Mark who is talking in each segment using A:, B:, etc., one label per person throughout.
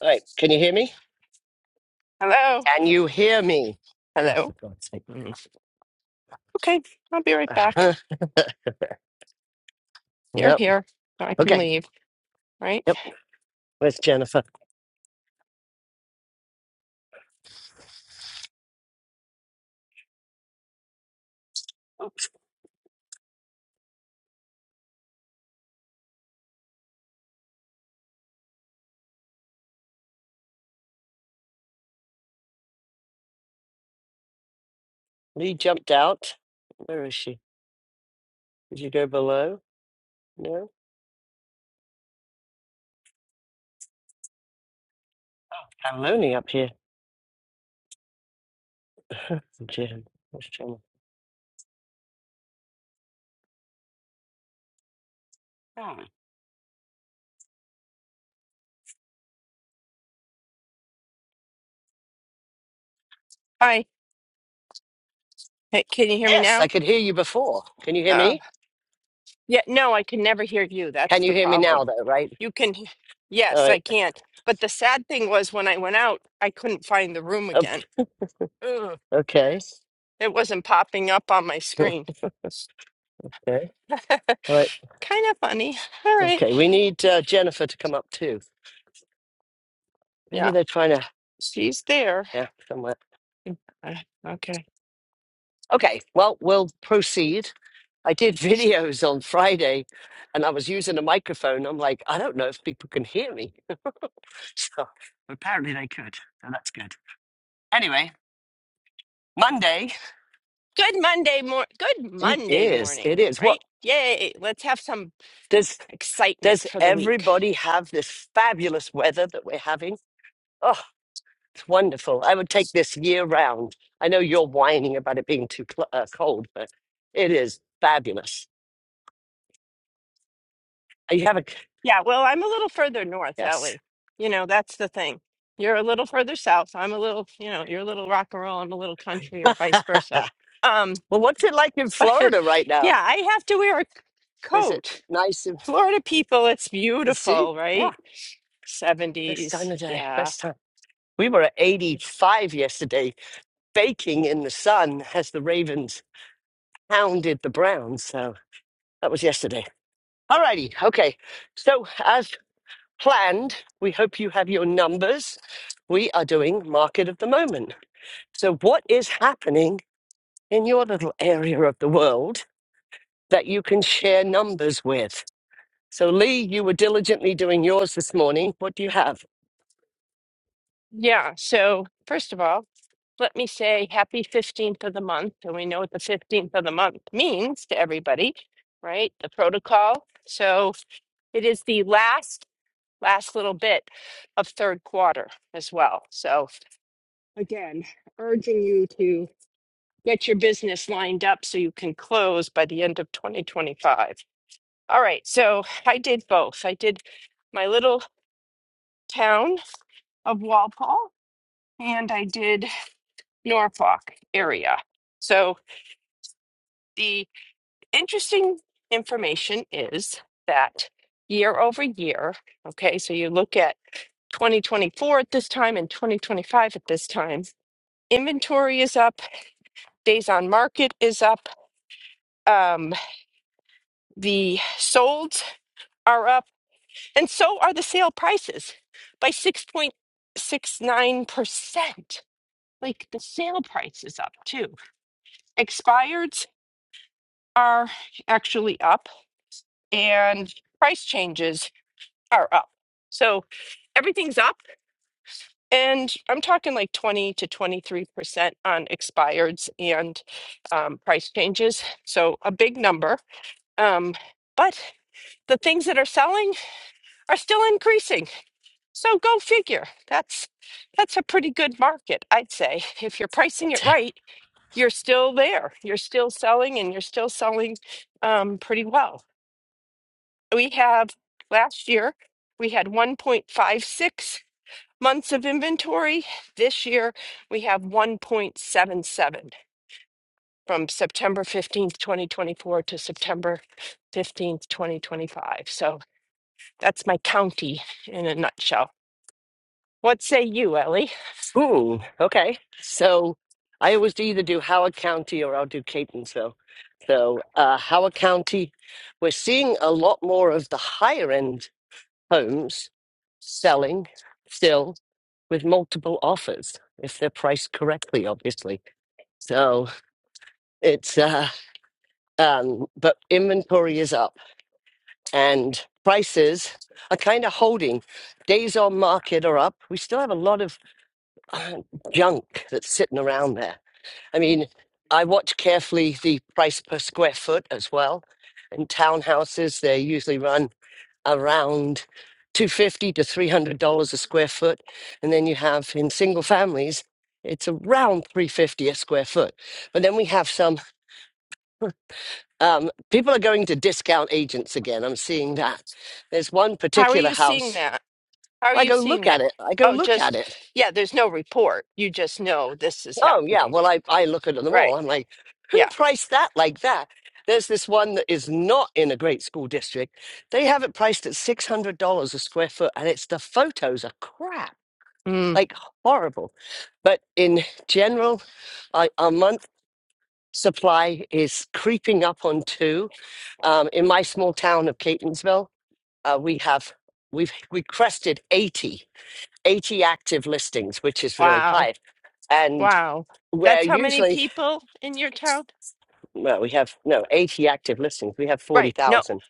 A: All right. Can you hear me?
B: Hello.
A: Can you hear me? Oh,
B: Hello.
A: for God's sake.
B: Mm. Okay, I'll be right back.
A: Uh-huh.
B: You're
A: Yep.
B: here. I can
A: Okay.
B: leave, right?
A: Yep. Where's Jennifer? Oh, Lee jumped out. Where is she? Did you go below? No. I'm lonely up here. Jen. Where's Jen? Hmm.
B: Hi. Hey, can you hear me
A: Yes,
B: now?
A: I could hear you before. Can you hear
B: Oh,
A: me?
B: yeah, no, I can never hear you.
A: Can
B: That's
A: you
B: the
A: hear me now,
B: problem.
A: though, right?
B: You can, he-
A: All
B: yes,
A: right.
B: I can. But the sad thing was when I went out, I couldn't find the room
A: Oh,
B: again. Ugh,
A: Okay.
B: it wasn't popping up on my screen.
A: Okay. All right.
B: kind of funny. All right.
A: Okay. We need uh, Jennifer to come up, too. Maybe
B: Yeah,
A: they're trying to,
B: she's there.
A: yeah, somewhere.
B: Uh, okay.
A: Okay. Well, we'll proceed. I did videos on Friday and I was using a microphone. I'm like, I don't know if people can hear me. So apparently they could. So that's good. Anyway, Monday.
B: Good Monday mor good
A: It
B: Monday
A: is. It
B: morning,
A: is. What
B: right? Yay, let's have some
A: does
B: excitement
A: does
B: for the week.
A: everybody have this fabulous weather that we're having? Oh, it's wonderful. I would take this year round. I know you're whining about it being too cl- uh, cold, but it is fabulous. Are You have a
B: Yeah, well, I'm a little further north,
A: yes.
B: Ellie. You know, that's the thing. You're a little further south. I'm a little, you know, you're a little rock and roll. I'm a little country, or vice versa. Um,
A: well, what's it like in
B: but
A: Florida right now?
B: yeah, I have to wear a
A: Is it
B: coat.
A: nice?
B: Florida people, it's
A: See?
B: beautiful, right?
A: Yeah. Best
B: 70s.
A: time of day.
B: Yeah.
A: Best time. We were at 85 yesterday, baking in the sun as the Ravens hounded the Browns. So that was yesterday. All righty. Okay. So, as planned, we hope you have your numbers. We are doing market of the moment. So, what is happening in your little area of the world that you can share numbers with? So, Lee, you were diligently doing yours this morning. What do you have?
B: Yeah. So, first of all, let me say happy 15th of the month. And we know what the 15th of the month means to everybody, right? The protocol. So, It is the last, last little bit of third quarter as well. So again, urging you to get your business lined up so you can close by the end of 2025. All right, so I did both. I did my little town of Walpole and I did Norfolk area. So the interesting information is that year over year, okay, so you look at 2024 at this time and 2025 at this time. Inventory is up, days on market is up, um, the solds are up, and so are the sale prices by 6.69%. Like the sale price is up too. Expireds are actually up, and price changes are up. So everything's up And I'm talking like 20 to 23% on expireds and um, price changes. So a big number. Um, but the things that are selling are still increasing. So go figure. That's that's a pretty good market, I'd say. If you're pricing it right, you're still there. You're still selling and you're still selling um, pretty well. We have last year we had 1.56 months of inventory. This year, we have 1.77 from September 15th, 2024 to September 15th, 2025. So that's my county in a nutshell. What say you, Ellie?
A: Ooh, okay. So I always do either do Howard County or I'll do Catonsville. So uh, Howard County, we're seeing a lot more of the higher end homes selling still with multiple offers if they're priced correctly, obviously. So it's uh, um, but inventory is up and prices are kind of holding. Days on market are up. We still have a lot of uh, junk that's sitting around there I mean, I watch carefully the price per square foot as well. In townhouses, they usually run around 250 to $300 a square foot. And then you have in single families, it's around 350 a square foot. But then we have some um, people are going to discount agents again. I'm seeing that. There's one
B: How are
A: particular
B: you seeing
A: house.
B: that? How are
A: I
B: you
A: go
B: seeing
A: look at
B: that?
A: it. I go
B: Oh,
A: look at
B: just,
A: it
B: yeah, there's no report. You just know this is
A: Oh yeah,
B: happening.
A: well I I look at them all.
B: Right.
A: I'm like, who
B: Yeah.
A: priced that like that? There's this one that is not in a great school district. They have it priced at six hundred dollars a square foot, and it's the photos are crap,
B: Mm,
A: like horrible. But in general, I, our month supply is creeping up on two. Um, in my small town of Catonsville, uh, we have we've we crested 80 80 active listings, which is really
B: wow.
A: high, and.
B: Wow.
A: Where
B: That's how many
A: usually
B: people in your town?
A: well, we have no 80 active listings. We have
B: Right. No,
A: 40,000.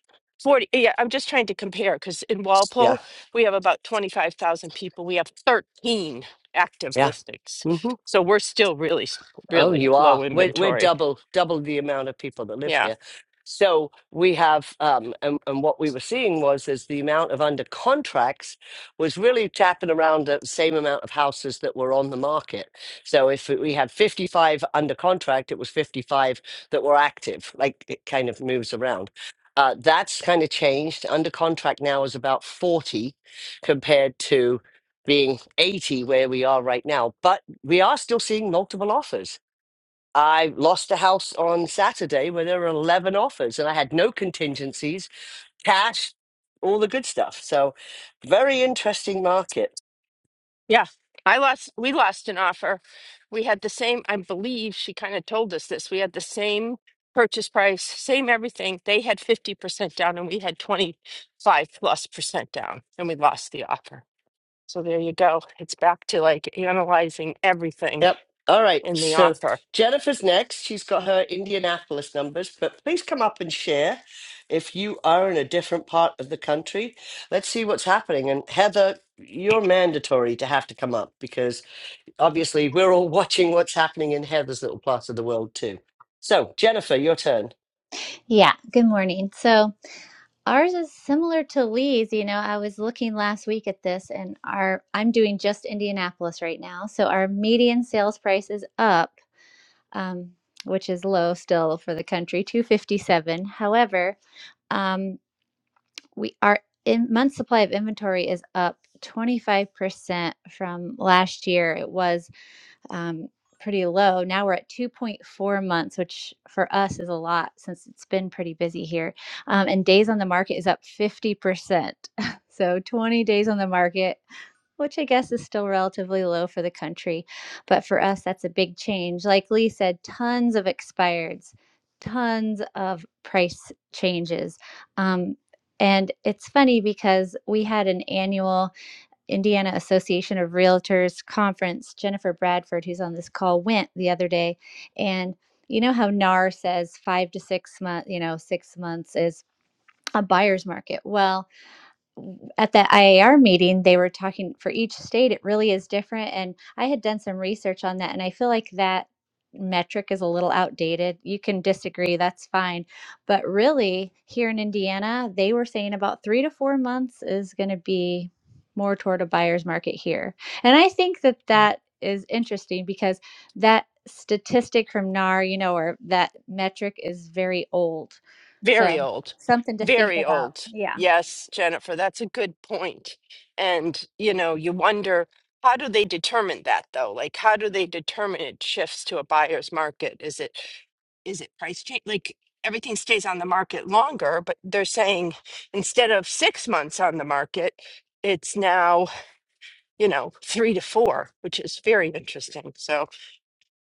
B: 40, yeah, I'm just trying to compare because in
A: Yeah.
B: Walpole, we have about 25,000 people. We have 13 active
A: Yeah.
B: listings.
A: Mhm.
B: So we're still really, s-
A: Oh,
B: really
A: you
B: low
A: are. We're we're
B: inventory.
A: double double the amount of people that live
B: Yeah.
A: here. So we have, um, and, and what we were seeing was is the amount of under contracts was really tapping around at the same amount of houses that were on the market. So if we had 55 under contract, it was 55 that were active. Like it kind of moves around. Uh, that's kind of changed. Under contract now is about 40 compared to being 80 where we are right now. But we are still seeing multiple offers. I lost a house on Saturday where there were 11 offers and I had no contingencies, cash, all the good stuff. So, very interesting market.
B: Yeah. I lost, we lost an offer. We had the same, I believe she kind of told us this. We had the same purchase price, same everything. They had 50% down and we had 25 plus percent down and we lost the offer. So there you go. It's back to like analyzing everything
A: Yep. All right.
B: in the
A: So,
B: offer
A: Jennifer's next. She's got her Indianapolis numbers, but please come up and share if you are in a different part of the country. Let's see what's happening. And, Heather, you're mandatory to have to come up because obviously we're all watching what's happening in Heather's little part of the world too. So, Jennifer, your turn.
C: Yeah, good morning. So ours is similar to Lee's. You know, I was looking last week at this and our I'm doing just Indianapolis right now. So our median sales price is up, um, which is low still for the country, 257. However, um, we our in month supply of inventory is up 25% from last year. It was um, pretty low. Now we're at 2.4 months, which for us is a lot since it's been pretty busy here. Um, and days on the market is up 50%. so 20 days on the market, which I guess is still relatively low for the country. But for us, that's a big change. Like Lee said, tons of expireds, tons of price changes. Um, and it's funny because we had an annual Indiana Association of Realtors conference, Jennifer Bradford, who's on this call, went the other day. And you know how NAR says five to six months, you know, six months is a buyer's market. Well, at the IAR meeting, they were talking for each state, it really is different. And I had done some research on that, and I feel like that metric is a little outdated. You can disagree, that's fine. But really, here in Indiana, they were saying about three to four months is going to be more toward a buyer's market here. And I think that that is interesting because that statistic from NAR, you know, or that metric is very old.
B: Very
C: So
B: old.
C: something to think
B: Very
C: about.
B: old.
C: Yeah.
B: Yes, Jennifer, that's a good point. And, you know, you wonder how do they determine that though? Like how do they determine it shifts to a buyer's market? Is it is it price change? Like everything stays on the market longer, but they're saying instead of 6 months on the market, it's now, you know, 3 to 4, which is very interesting. So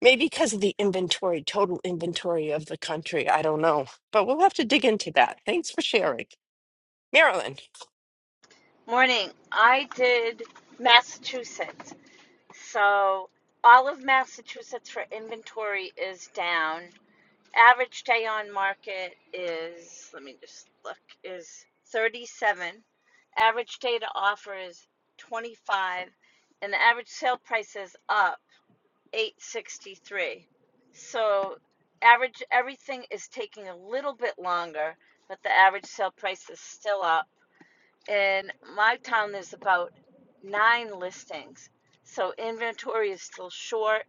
B: Maybe because of the inventory, total inventory of the country. I don't know. But we'll have to dig into that. Thanks for sharing. Marilyn,
D: Morning. I did Massachusetts. So all of Massachusetts for inventory is down. Average day on market is, let me just look, is 37. Average day to offer is 25 and the average sale price is up 863. So average everything is taking a little bit longer, but the average sale price is still up in my town there's about nine listings so inventory is still short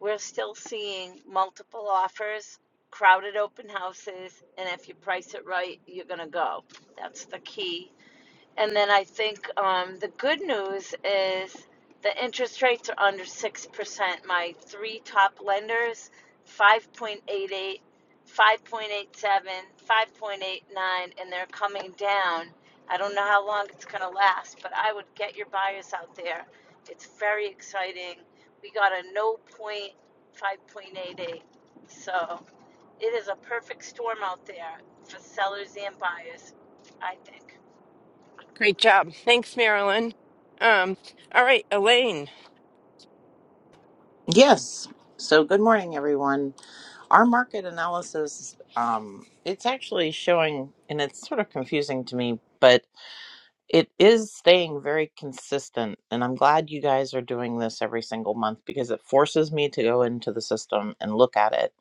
D: we're still seeing multiple offers crowded open houses and if you price it right you're going to go that's the key and then I think um, the good news is the interest rates are under 6%. My three top lenders five point eight eight, five point eight seven, five point eight nine, and they're coming down. I don't know how long it's going to last, but I would get your buyers out there. It's very exciting. We got a no point 5.88. So it is a perfect storm out there for sellers and buyers, I think.
B: great job. Thanks, Marilyn. Um, all right, Elaine,
E: Yes. So good morning, everyone. Our market analysis, um, it's actually showing, and it's sort of confusing to me, but it is staying very consistent. And I'm glad you guys are doing this every single month because it forces me to go into the system and look at it.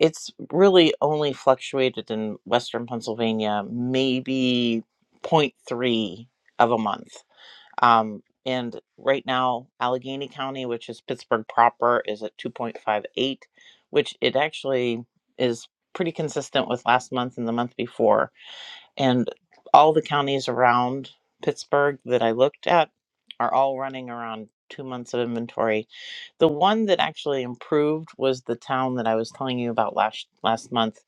E: It's really only fluctuated in Western Pennsylvania, maybe zero point 0.3 of a month um, and right now, Allegheny County, which is Pittsburgh proper, is at 2.58, which it actually is pretty consistent with last month and the month before. And all the counties around Pittsburgh that I looked at are all running around two months of inventory. The one that actually improved was the town that I was telling you about last last month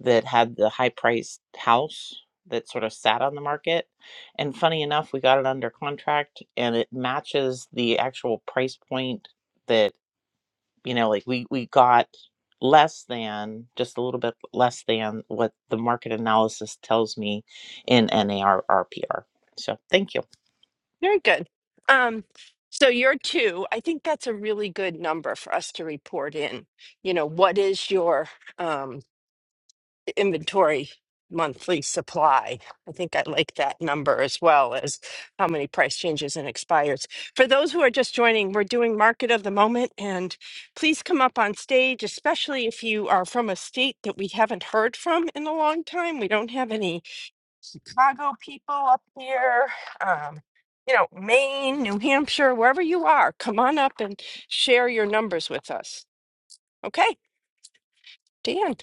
E: that had the high priced house that sort of sat on the market. And funny enough, we got it under contract and it matches the actual price point that, you know, like we, we got less than just a little bit less than what the market analysis tells me in NARRPR. So thank you.
B: very good. Um, so your two, I think that's a really good number for us to report in. You know, what is your um, inventory monthly supply. I think I like that number as well as how many price changes and expires. For those who are just joining, we're doing market of the moment and please come up on stage, especially if you are from a state that we haven't heard from in a long time. We don't have any Chicago people up here. Um, you know, Maine, New Hampshire, wherever you are, come on up and share your numbers with us. Okay, Dan.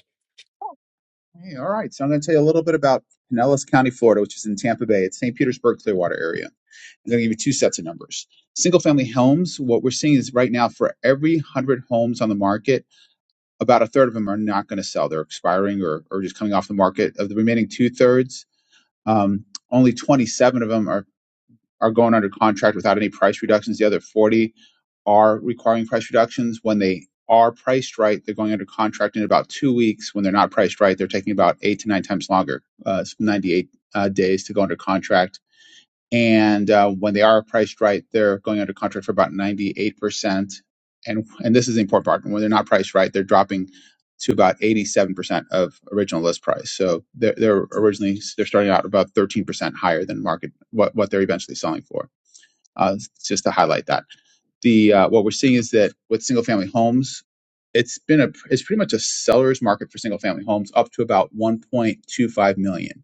F: Hey, all right. So I'm going to tell you a little bit about Pinellas County, Florida, which is in Tampa Bay. It's St. Petersburg, Clearwater area. I'm going to give you two sets of numbers. Single family homes, what we're seeing is right now for every 100 homes on the market, about a third of them are not going to sell. They're expiring or, or just coming off the market. Of the remaining two thirds, um, only 27 of them are are going under contract without any price reductions. The other 40 are requiring price reductions. When they are priced right, they're going under contract in about two weeks. When they're not priced right, they're taking about eight to nine times longer, uh, 98 uh, days to go under contract. And uh, when they are priced right, they're going under contract for about 98%. And, and this is the important part. When they're not priced right, they're dropping to about 87% of original list price. So they're, they're originally, they're starting out about 13% higher than market, what, what they're eventually selling for uh, just to highlight that. The uh, what we're seeing is that with single family homes, it's been a it's pretty much a seller's market for single family homes up to about 1.25 million.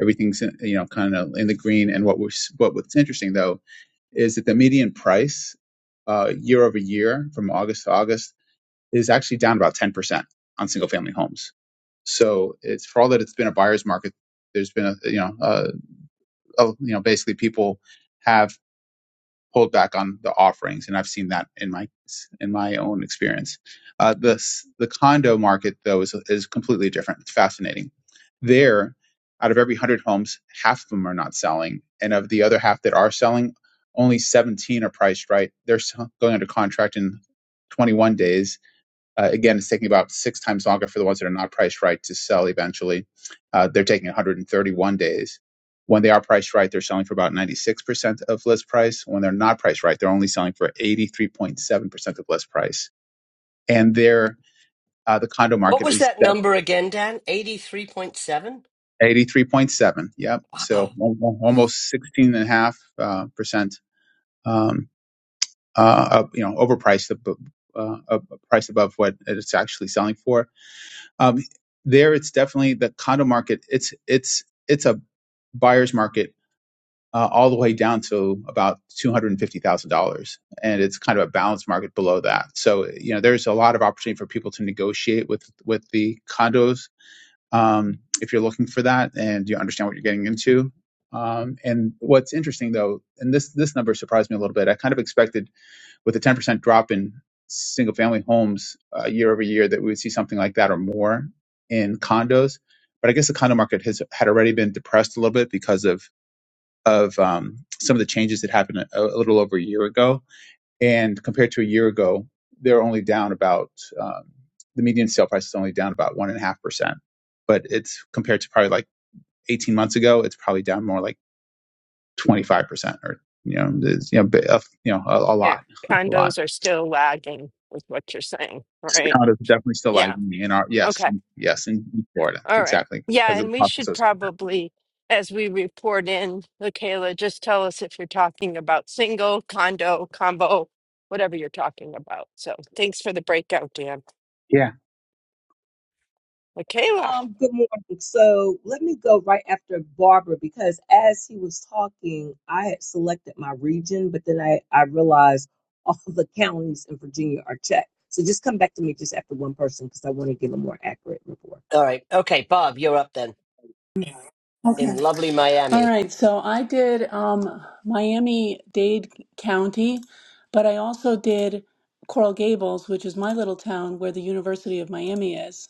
F: Everything's in, you know kind of in the green. And what was what what's interesting though is that the median price uh, year over year from August to August is actually down about 10 percent on single family homes. So it's for all that it's been a buyer's market. There's been a you know uh, a, you know basically people have pulled back on the offerings, and I've seen that in my in my own experience. Uh, the the condo market though is is completely different. It's fascinating. There, out of every one hundred homes, half of them are not selling, and of the other half that are selling, only seventeen are priced right. They're going under contract in 21 days uh, again, it's taking about six times longer for the ones that are not priced right to sell eventually. Uh, they're taking 131 days. When they are priced right, they're selling for about 96% of list price. When they're not priced right, they're only selling for 83.7% of list price. And their uh, the condo
A: What
F: market
A: was
F: is
A: that number again, Dan? 83.7?
F: at 83.7. Yep. So
A: Wow.
F: al- al- almost 16.5% uh, percent, um, uh, up, you know, overpriced, ab- uh, ab- priced above what it's actually selling for Um, there, it's definitely the condo market. It's it's it's a buyer's market uh, all the way down to about two hundred and fifty thousand dollars, and it's kind of a balanced market below that. So you know, there's a lot of opportunity for people to negotiate with with the condos um, if you're looking for that and you understand what you're getting into. Um, and what's interesting though, and this this number surprised me a little bit. I kind of expected with a 10% drop in single family homes uh, year over year that we would see something like that or more in condos. But I guess the condo market has had already been depressed a little bit because of of um, some of the changes that happened a, a little over a year ago. And compared to a year ago, they're only down about um, the median sale price is only down about one and a half percent. But it's compared to probably like 18 months ago, it's probably down more like 25 percent or you know, it's, you know, bi- a- you know, a, a
B: Yeah,
F: lot, a lot.
B: condos are still lagging with what you're saying,
F: It's
B: right?
F: kind of definitely still
B: Yeah.
F: lagging in our yes,
B: Okay.
F: in, yes, in, in Florida
B: All right.
F: exactly
B: Yeah,
F: because of
B: and
F: the
B: we
F: cost
B: should
F: associated.
B: probably, as we report in, Lakayla, just tell us if you're talking about single, condo, combo, whatever you're talking about. So thanks for the breakout, Dan.
F: Yeah.
B: Lakayla,
G: Um, good morning. So let me go right after Barbara because as he was talking, I had selected my region, but then I, I realized all of the counties in Virginia are checked. So just come back to me just after one person because I want to give a more accurate report.
A: All right. Okay, Bob, you're up then
H: Okay.
A: in lovely
H: All
A: Miami.
H: right. So I did um, Miami Dade County, but I also did Coral Gables, which is my little town where the University of Miami is.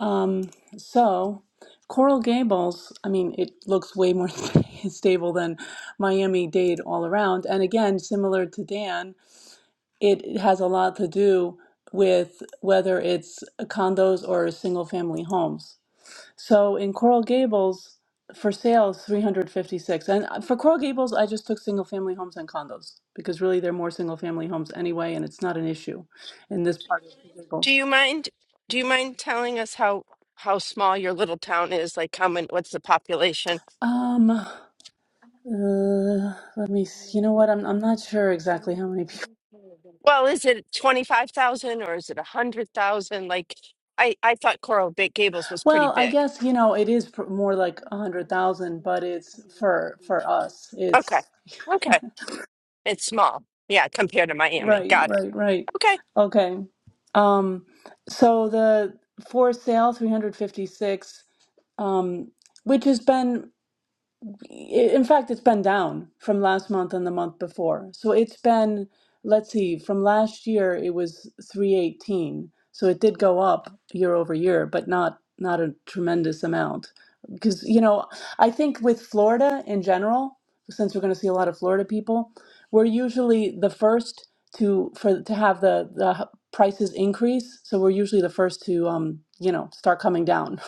H: Um, so Coral Gables, I mean, it looks way more stable than Miami Dade all around. And again, similar to Dan, it has a lot to do with whether it's condos or single family homes. So in Coral Gables, for sale is 356. And uh, for Coral Gables, I just took single family homes and condos because really they're more single family homes anyway, and it's not an issue in this part of Coral
B: do
H: Gables.
B: you mind? Do you mind telling us how how small your little town is? Like how many? What's the population?
H: Um, uh, let me see. You know what? I'm I'm not sure exactly how many people.
B: Well, is it 25,000 or is it 100,000? Like, I, I thought Coral Big Gables was pretty
H: Well, I
B: big.
H: guess you know it is pr- more like a hundred thousand, but it's for for us.
B: Okay.
H: It's
B: Okay. It's small. Yeah, compared to Miami.
H: right,
B: Got it.
H: right, right.
B: Okay.
H: Okay. Um, so the for sale 356 um, which has been, in fact, it's been down from last month and the month before. So it's been, let's see, from last year it was 318. So it did go up year over year, but not not a tremendous amount. Because, you know, I think with Florida in general, since we're going to see a lot of Florida people, we're usually the first to for to have the the h- prices increase. So we're usually the first to um, you know start coming down.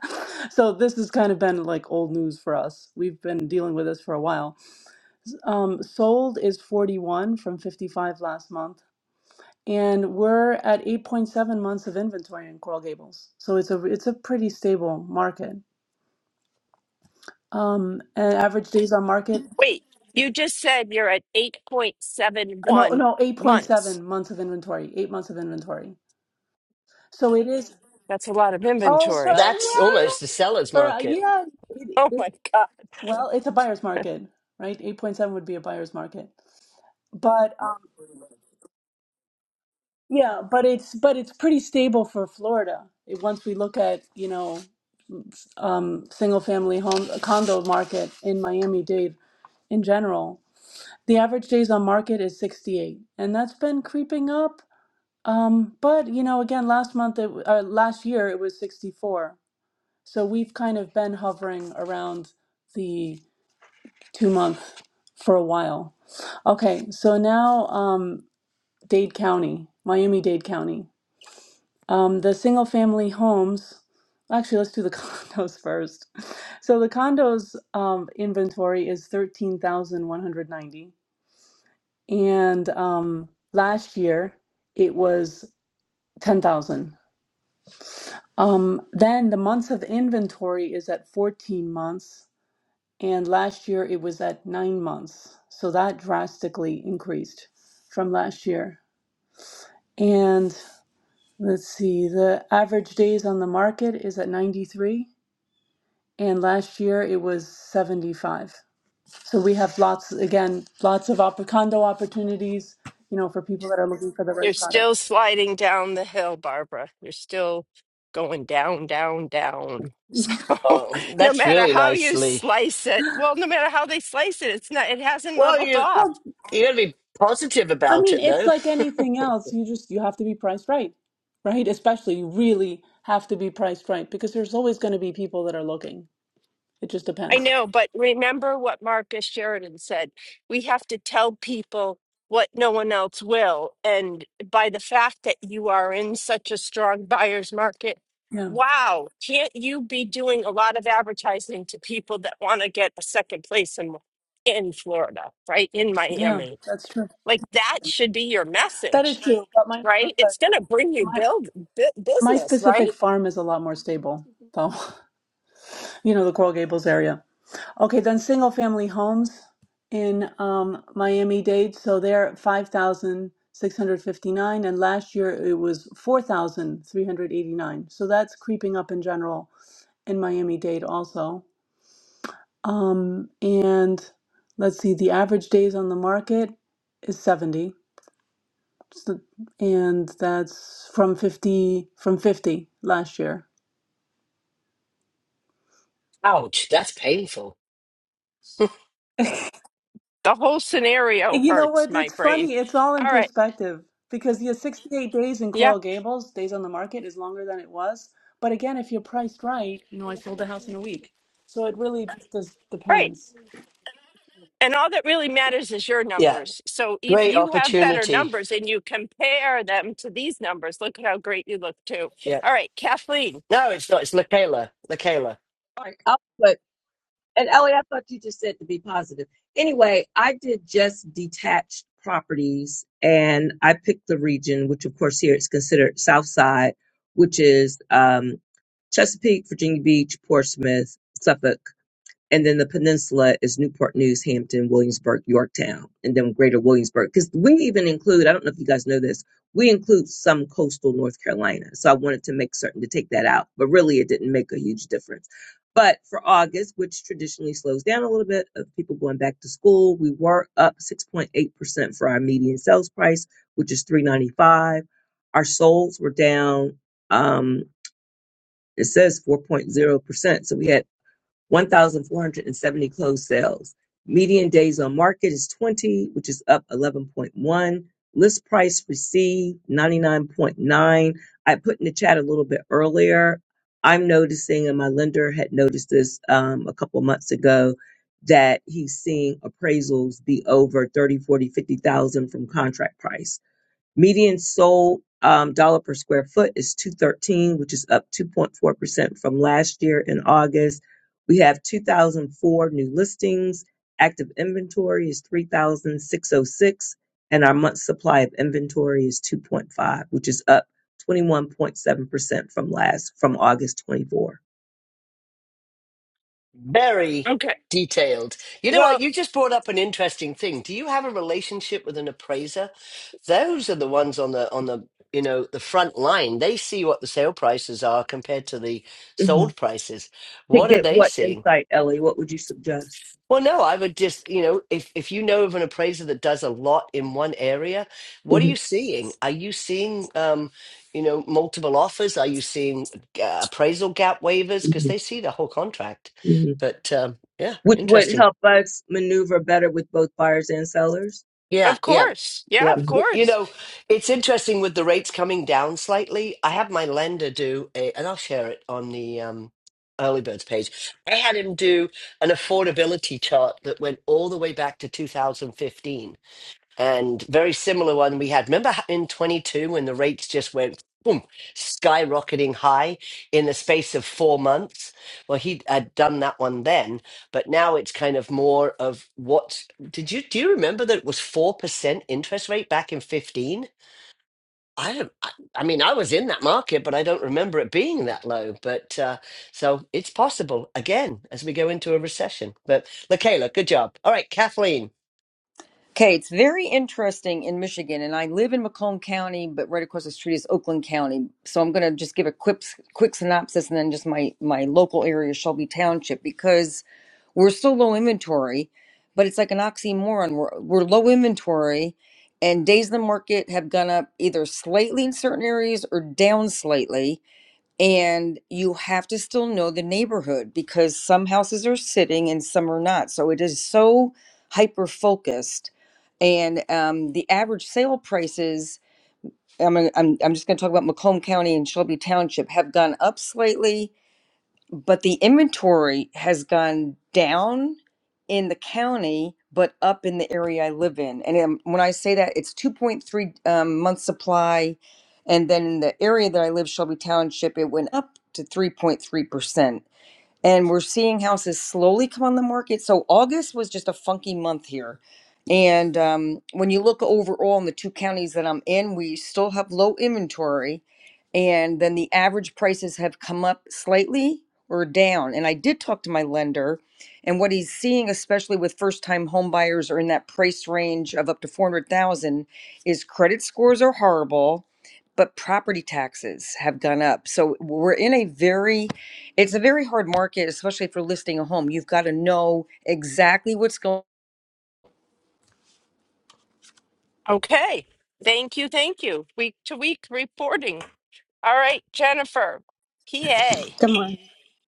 H: so this has kind of been like old news for us. We've been dealing with this for a while. Um, sold is 41 from 55 last month, and we're at 8.7 months of inventory in Coral Gables. So it's a it's a pretty stable market. Um, and average days on market,
B: Wait, you just said you're at
H: no,
B: 8.71
H: no, 8.7
B: months.
H: months of inventory, eight months of inventory. So it is.
B: That's a lot of
H: Oh, for
B: inventory.
A: That's almost
H: well,
A: the seller's
H: for uh,
A: market.
H: yeah, it,
B: Oh
H: it,
B: my God.
H: well, it's a buyer's market, right? 8.7 would be a buyer's market. But um, yeah, but it's but it's pretty stable for Florida. It, once we look at, you know, um, single family home uh, condo market in Miami-Dade in general, the average days on market is 68, and that's been creeping up. Um, but you know, again, last month it, w- uh, last year it was 64. So we've kind of been hovering around two month for a while. Okay, so now um, Dade County, Miami-Dade County. Um, the single family homes, actually, let's do the condos first. So the condos um, inventory is 13,190. And um, last year it was 10,000. Um, then the months of inventory is at 14 months. And last year it was at nine months. So that drastically increased from last year. And let's see, the average days on the market is at 93. And last year it was 75. So we have lots, again, lots of opp- condo opportunities, you know, for people that are looking for the right
B: You're
H: product.
B: still sliding down the hill, Barbara. You're still going down, down, down. So
A: Oh,
B: no
A: that's
B: matter
A: really
B: how
A: nice,
B: you
A: Lee.
B: slice it, well, no matter how they slice it, it's not, it hasn't
A: Well,
B: leveled
A: you
B: off.
H: Well,
A: you gotta be positive
H: I
A: about
H: mean,
A: it
H: it's
A: though.
H: like anything else. You just, you have to be priced right, right? Especially you really have to be priced right because there's always going to be people that are looking. It just
B: I
H: depends.
B: know, but remember what Marcus Sheridan said. We have to tell people what no one else will. And by the fact that you are in such a strong buyer's market,
H: Yeah,
B: wow, can't you be doing a lot of advertising to people that want to get a second place in in Florida, right? In
H: yeah,
B: Miami.
H: that's true.
B: Like that should be your
H: That
B: message,
H: is true. But my
B: right?
H: neighborhood,
B: It's going to bring you
H: my
B: build bu-
H: my
B: business, right?
H: specific farm is a lot more stable, though. You know, the Coral Gables area. Okay, then single family homes in um, Miami-Dade. So they're 5,659, and last year it was 4,389. So that's creeping up in general in Miami-Dade also. Um, and let's see, the average days on the market is 70. So- and that's from 50 from 50 last year.
A: Ouch, that's painful.
B: The whole scenario
H: And you know
B: hurts
H: what?
B: my
H: It's
B: brain.
H: funny. It's all in
B: All right.
H: perspective because yeah, 68 days in
B: yeah.
H: Coral Gables, days on the market is longer than it was. But again, if you're priced right, you know, I sold the house in a week. So it really just does-
B: Right.
H: depends.
B: And all that really matters is your
A: Yeah.
B: numbers. So if
A: Great
B: you have better
A: opportunity.
B: numbers and you compare them to these numbers, look at how great you look too.
A: Yeah.
B: All right, Kathleen.
A: No, it's not. It's LaKayla. LaKayla.
G: All right. And Ellie, I thought you just said to be positive. Anyway, I did just detached properties and I picked the region, which of course here it's considered South Side, which is um, Chesapeake, Virginia Beach, Portsmouth, Suffolk. And then the peninsula is Newport News, Hampton, Williamsburg, Yorktown, and then greater Williamsburg. Because we even include, I don't know if you guys know this, we include some coastal North Carolina. So I wanted to make certain to take that out, but really it didn't make a huge difference. But for August, which traditionally slows down a little bit of people going back to school, we were up 6.8% for our median sales price, which is 395. Our solds were down, um, it says 4.0%. So we had 1,470 closed sales. Median days on market is 20, which is up 11.1. List price received 99.9. I put in the chat a little bit earlier. I'm noticing, and my lender had noticed this um, a couple of months ago, that he's seeing appraisals be over 30, 40, 50,000 from contract price. Median sold um, dollar per square foot is 213, which is up 2.4% from last year in August. We have 2004 new listings. Active inventory is 3,606 and our month supply of inventory is 2.5, which is up 21.7% from last from August 24.
A: Very
B: Okay.
A: detailed. You know what?
B: Well,
A: You just brought up an interesting thing. Do you have a relationship with an appraiser? Those are the ones on the on the you know the front line. They see what the sale prices are compared to the
G: hmm
A: sold prices.
G: To
A: What are
G: get
A: they
G: what
A: seeing?
G: insight, Ellie? What would you suggest?
A: Well, no, I would just, you know, if if you know of an appraiser that does a lot in one area, what are
G: hmm
A: you seeing? Are you seeing, um, you know, multiple offers? Are you seeing uh, appraisal gap waivers? Because
G: hmm
A: they see the whole contract.
G: hmm
A: But um, yeah,
G: Which would
A: interesting.
G: help us maneuver better with both buyers and sellers.
A: Yeah,
B: of
A: yeah,
B: course. Yeah,
A: yeah.
B: of
A: Y- You
B: course.
A: know, it's interesting with the rates coming down slightly. I had my lender do a, and I'll share it on the um, early birds page. I had him do an affordability chart that went all the way back to 2015 and very similar one we had. Remember in 22 when the rates just went boom, skyrocketing high in the space of four months? Well, he had done that one then, but now it's kind of more of what did you do you remember that it was 4% interest rate back in 15? I don't, I I mean, I was in that market, but I don't remember it being that low. But uh, so it's possible again as we go into a recession. But LaKayla, good job. All right, Kathleen,
I: Okay, it's very interesting in Michigan, and I live in Macomb County, but right across the street is Oakland County. So I'm going to just give a quick quick synopsis, and then just my my local area, Shelby Township, because we're so low inventory, but it's like an oxymoron. We're we're low inventory, and days in the market have gone up either slightly in certain areas or down slightly and you have to still know the neighborhood because some houses are sitting and some are not so it is so hyper focused and um, the average sale prices I'm, gonna- I'm, I'm just going to talk about macomb county and shelby township have gone up slightly but the inventory has gone down in the county but up in the area i live in and um, when i say that it's 2.3 um, month supply and then in the area that i live shelby township it went up to 3.3% and we're seeing houses slowly come on the market. So August was just a funky month here. And um, when you look overall in the two counties that I'm in, we still have low inventory. And then the average prices have come up slightly or down. And I did talk to my lender, and what he's seeing, especially with first time home buyers are in that price range of up to 400,000, is credit scores are horrible, but property taxes have gone up. So we're in a very it's a very hard market, especially for listing a home. You've got to know exactly what's going
B: Okay. Thank you. Thank you. Week to week reporting. All right, Jennifer, PA.
J: Good morning.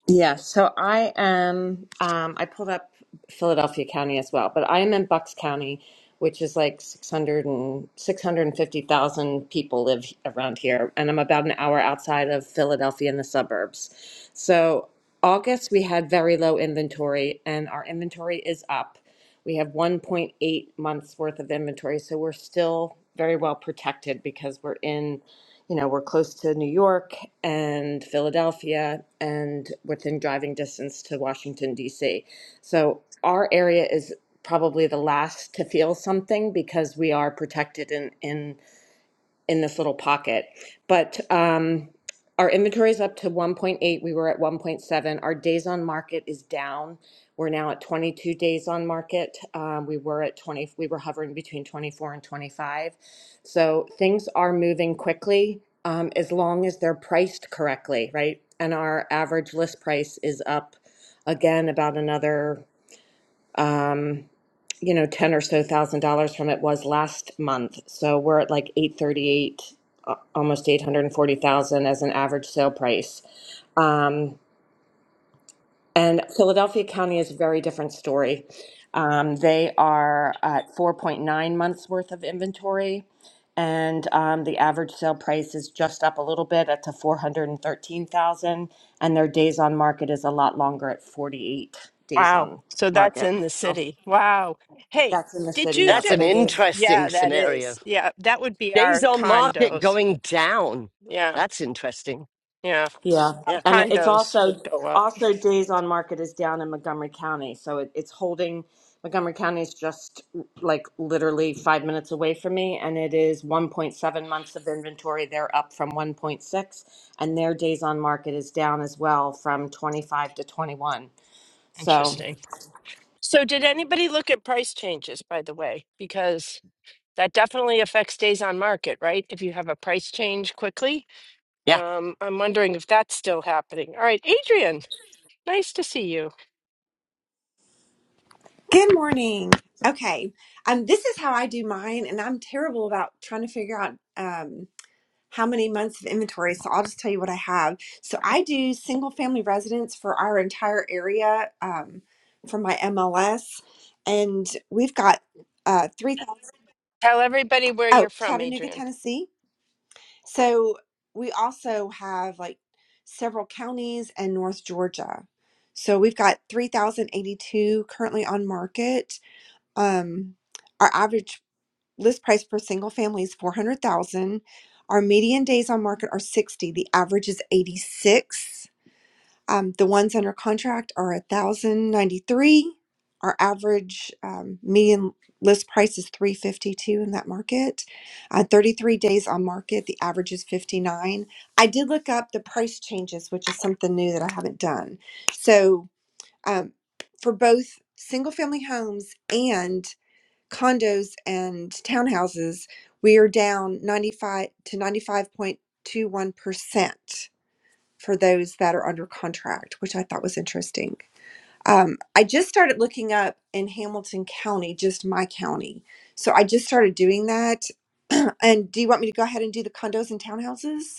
J: Yeah, so I am. Um, I pulled up Philadelphia County as well, but I am in Bucks County, which is like 600 and 650,000 people live around here, and I'm about an hour outside of Philadelphia in the suburbs. So August we had very low inventory, and our inventory is up. We have 1.8 months worth of inventory, so we're still very well protected because we're in you know, we're close to New York and Philadelphia and within driving distance to Washington, D.C. So our area is probably the last to feel something because we are protected in, in in this little pocket. But um, our inventory is up to 1.8. We were at 1.7. Our days on market is down. We're now at 22 days on market. Um, we were at 20. We were hovering between 24 and 25. So things are moving quickly um, as long as they're priced correctly, right? And our average list price is up again about another um, you know, ten or so thousand dollars from it was last month. So we're at like eight thirty-eight, uh, almost eight hundred and forty thousand as an average sale price. Um, and Philadelphia County is a very different story. Um, they are at four point nine months worth of inventory, and um, the average sale price is just up a little bit at to four hundred and thirteen thousand, and their days on market is a lot longer at forty-eight days
B: Wow.
J: on
B: So that's
J: market.
B: in the city. Wow. Hey,
J: That's in the
B: did
J: city,
B: you?
J: yeah,
A: that's
B: Ju-
J: but
A: an
J: it is,
A: interesting
B: yeah, that
A: scenario.
B: is. Yeah, that would be
A: Days
B: our
A: on market
B: condos.
A: going down.
B: Yeah.
A: That's interesting.
B: Yeah,
J: yeah,
B: our
A: Yeah.
J: and it- it's
B: condos would
J: also
B: go up.
J: also days on market is down in Montgomery County, so it, it's holding. Montgomery County is just like literally five minutes away from me, and it is 1.7 months of inventory. They're up from 1.6, and their days on market is down as well from 25 to 21. So.
B: Interesting. So, did anybody look at price changes, by the way? Because that definitely affects days on market, right? If you have a price change quickly,
A: Yeah.
B: um, I'm wondering if that's still happening. All right, Adrian, nice to see you.
K: Good morning. Okay. Um, this is how I do mine, and I'm terrible about trying to figure out um, how many months of inventory. So I'll just tell you what I have. So I do single family residence for our entire area um, for my MLS, and we've got uh, 3,000.
B: Tell everybody where
K: Oh,
B: you're from,
K: Chattanooga,
B: Adrian.
K: Tennessee. So we also have like several counties and North Georgia. So we've got 3,082 currently on market um, our average list price for single family is 400,000. Our median days on market are 60. The average is 86. Um, the ones under contract are 1,093. Our average um, median list price is 352 in that market. Uh, 33 days on market. The average is 59. I did look up the price changes, which is something new that I haven't done. So um, for both single family homes and condos and townhouses, we are down 95 to 95.21% for those that are under contract, which I thought was interesting. Um, I just started looking up in Hamilton County, just my county. So I just started doing that. and do you want me to go ahead and do the condos and townhouses?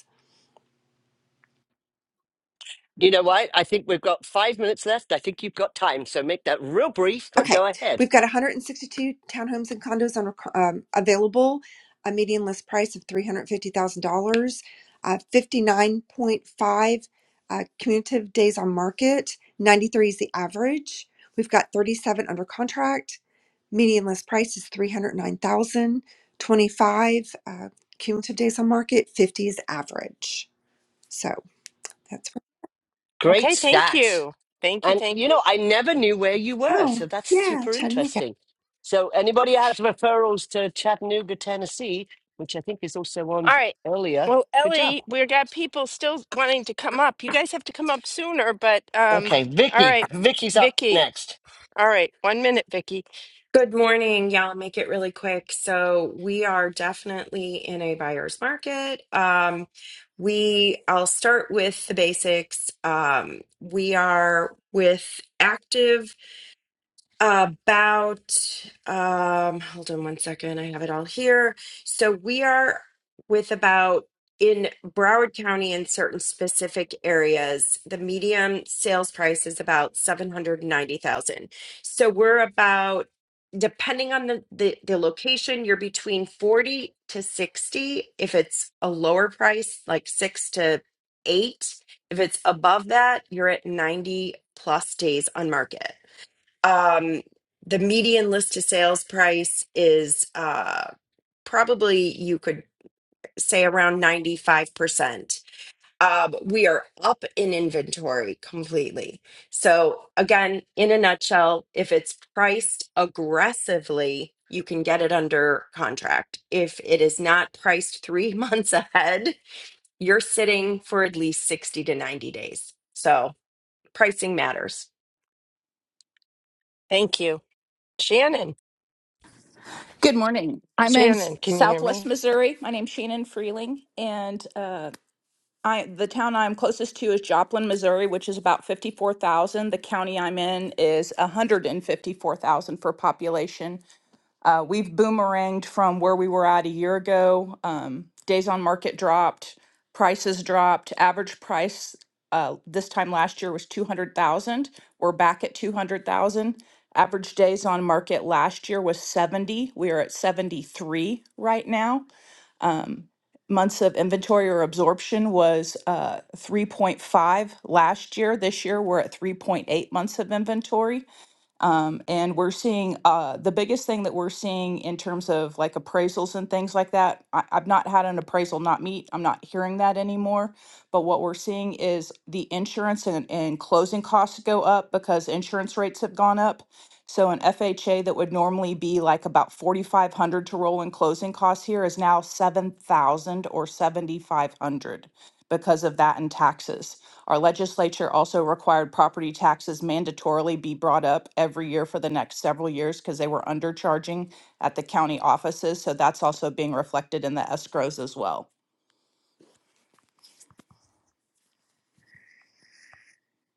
A: You know what? I think we've got five minutes left. I think you've got time. So make that real brief, but
K: Okay,
A: go ahead.
K: we've got 162 townhomes and condos on, rec- um, available, a median list price of $350,000, uh, 59.5 uh, cumulative days on market, 93 is the average. We've got 37 under contract, median list price is 309,000, 25 uh, cumulative days on market, 50 is average. So that's,
A: Great
B: Okay, thank
A: stats.
B: you. Thank you,
A: And,
B: thank
A: you
B: you.
A: know, I never knew where you were. So
K: oh,
A: that's
K: yeah,
A: super
K: Chattanooga.
A: interesting. So, anybody has referrals to Chattanooga, Tennessee, which I think is also
B: All
A: on
B: right.
A: earlier,
B: Well,
A: good job.
B: Ellie, we got people still wanting to come up. You guys have to come up sooner, but um,
A: Okay.
B: all
A: Vicky.
B: right,
A: Vicky's up
B: Vicky.
A: next.
B: All right, one minute, Vicky.
L: Good morning. Yeah, I'll make it really quick. So we are definitely in a buyer's market. Um, we I'll start with the basics. Um, we are with active about um hold on one second i have it all here so we are with about in broward county in certain specific areas the median sales price is about 790000 so we're about depending on the, the the location you're between 40 to 60 if it's a lower price like 6 to 8 if it's above that you're at 90 plus days on market um the median list to sales price is uh probably you could say around 95%. Um, we are up in inventory completely. So again, in a nutshell, if it's priced aggressively, you can get it under contract. If it is not priced 3 months ahead, you're sitting for at least 60 to 90 days. So pricing matters.
B: Thank you, Shannon.
M: Good morning. I'm in s-
B: Shannon, can you hear
M: Southwest
B: me?
M: Missouri. My name's Shannon Freeling, and uh, I the town I'm closest to is Joplin, Missouri, which is about fifty-four thousand. The county I'm in is one hundred and fifty-four thousand for population. Uh, we've boomeranged from where we were at a year ago. Um, days on market dropped, prices dropped. Average price uh, this time last year was 200,000. We're back at 200,000. Average days on market last year was 70. We are at 73 right now. Um, months of inventory or absorption was uh, 3.5 last year. This year we're at 3.8 months of inventory. Um, and we're seeing uh, the biggest thing that we're seeing in terms of like appraisals and things like that. I, I've not had an appraisal not meet. I'm not hearing that anymore. But what we're seeing is the insurance and, and closing costs go up because insurance rates have gone up. So an FHA that would normally be like about 4,500 to roll in closing costs here is now 7,000 or 7,500 because of that and taxes. Our legislature also required property taxes mandatorily be brought up every year for the next several years because they were undercharging at the county offices. So that's also being reflected in the escrows as well.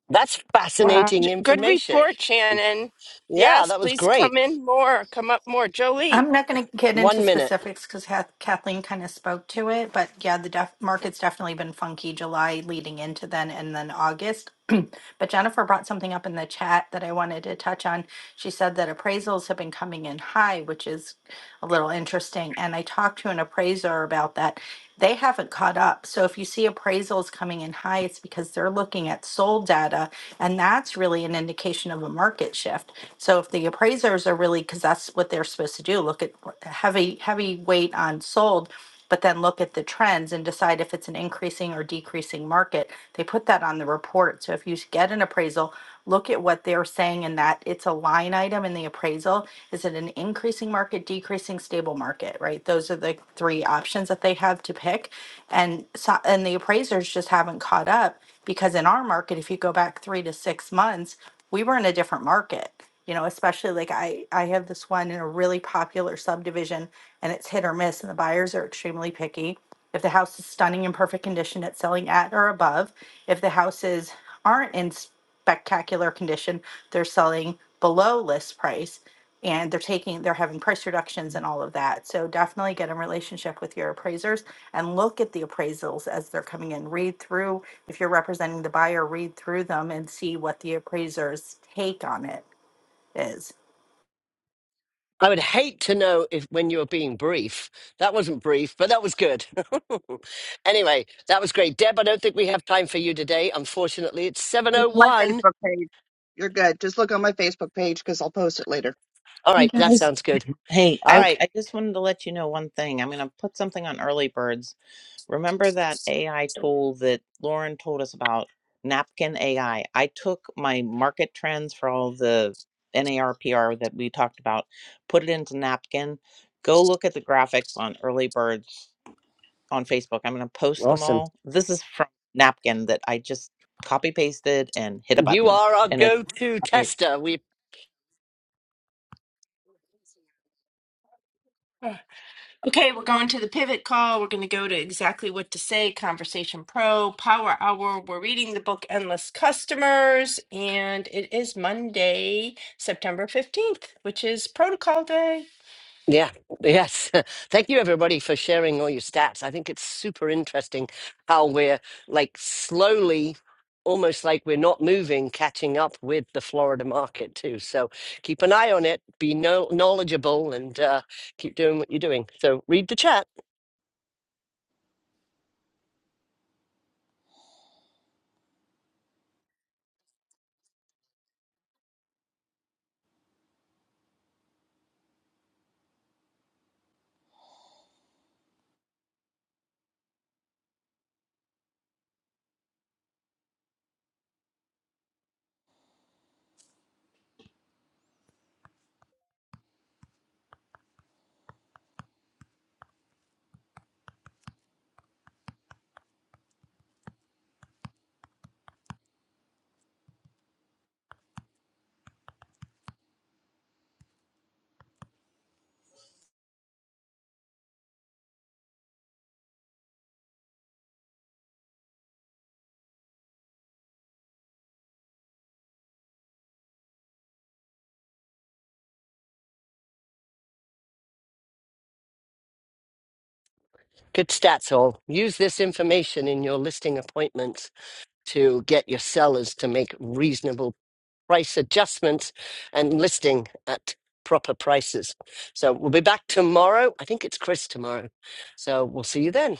A: That's
B: Wow,
A: fascinating
B: J- good
A: information.
B: report, Shannon.
A: Yeah,
B: Yes,
A: that was
B: please
A: great.
B: come in more. Come up more, Jolie.
N: I'm not going to get into
A: One minute.
N: specifics because Kathleen kind of spoke to it, but yeah, the def- market's definitely been funky July leading into then and then August. But Jennifer brought something up in the chat that I wanted to touch on. She said that appraisals have been coming in high, which is a little interesting. And I talked to an appraiser about that. They haven't caught up. So if you see appraisals coming in high, it's because they're looking at sold data, and that's really an indication of a market shift. So if the appraisers are really, because that's what they're supposed to do, look at heavy heavy weight on sold but then look at the trends and decide if it's an increasing or decreasing market. They put that on the report. So if you get an appraisal, look at what they're saying in that it's a line item in the appraisal. Is it an increasing market, decreasing, stable market, right? Those are the three options that they have to pick. And so, and the appraisers just haven't caught up because in our market, if you go back three to six months, we were in a different market you know especially like i i have this one in a really popular subdivision and it's hit or miss and the buyers are extremely picky if the house is stunning and perfect condition it's selling at or above if the houses aren't in spectacular condition they're selling below list price and they're taking they're having price reductions and all of that so definitely get in relationship with your appraisers and look at the appraisals as they're coming in read through if you're representing the buyer read through them and see what the appraiser's take on it is
A: I would hate to know if when you were being brief. That wasn't brief, but that was good. anyway, that was great. Deb, I don't think we have time for you today. Unfortunately, it's
O: Look at my
A: 7.01.
O: Facebook page. You're good. Just look on my Facebook page because I'll post it later.
A: All
E: Hey
A: right, that
E: guys.
A: sounds good.
E: Hey,
A: All
E: I,
B: Okay.
A: right,
E: I just wanted to let you know one thing. I'm going to put something on early birds Remember that AI tool that Lauren told us about, Napkin AI? I I took my market trends for all the NARPR that we talked about, put it into Napkin. Go look at the graphics on early birds on Facebook. I'm going to post them
A: awesome.
E: all. This is from Napkin that I just copy pasted and hit a
A: You
E: button,
A: are our
E: and it's
A: go-to
E: amazing.
A: tester. We
B: Okay, we're going to the pivot call. We're going to go to exactly what to say, Conversation Pro, Power Hour. We're reading the book Endless Customers, and it is Monday, September 15th, which is Protocol Day.
A: Yeah, yes. Thank you, everybody, for sharing all your stats. I think it's super interesting how we're like slowly, almost like we're not moving, catching up with the Florida market, too. So keep an eye on it, be no- knowledgeable, and uh, keep doing what you're doing. So read the chat. Good stats, all. Use this information in your listing appointments to get your sellers to make reasonable. price adjustments and listing at proper prices. So we'll be back tomorrow. I think it's Chris tomorrow. So we'll see you then.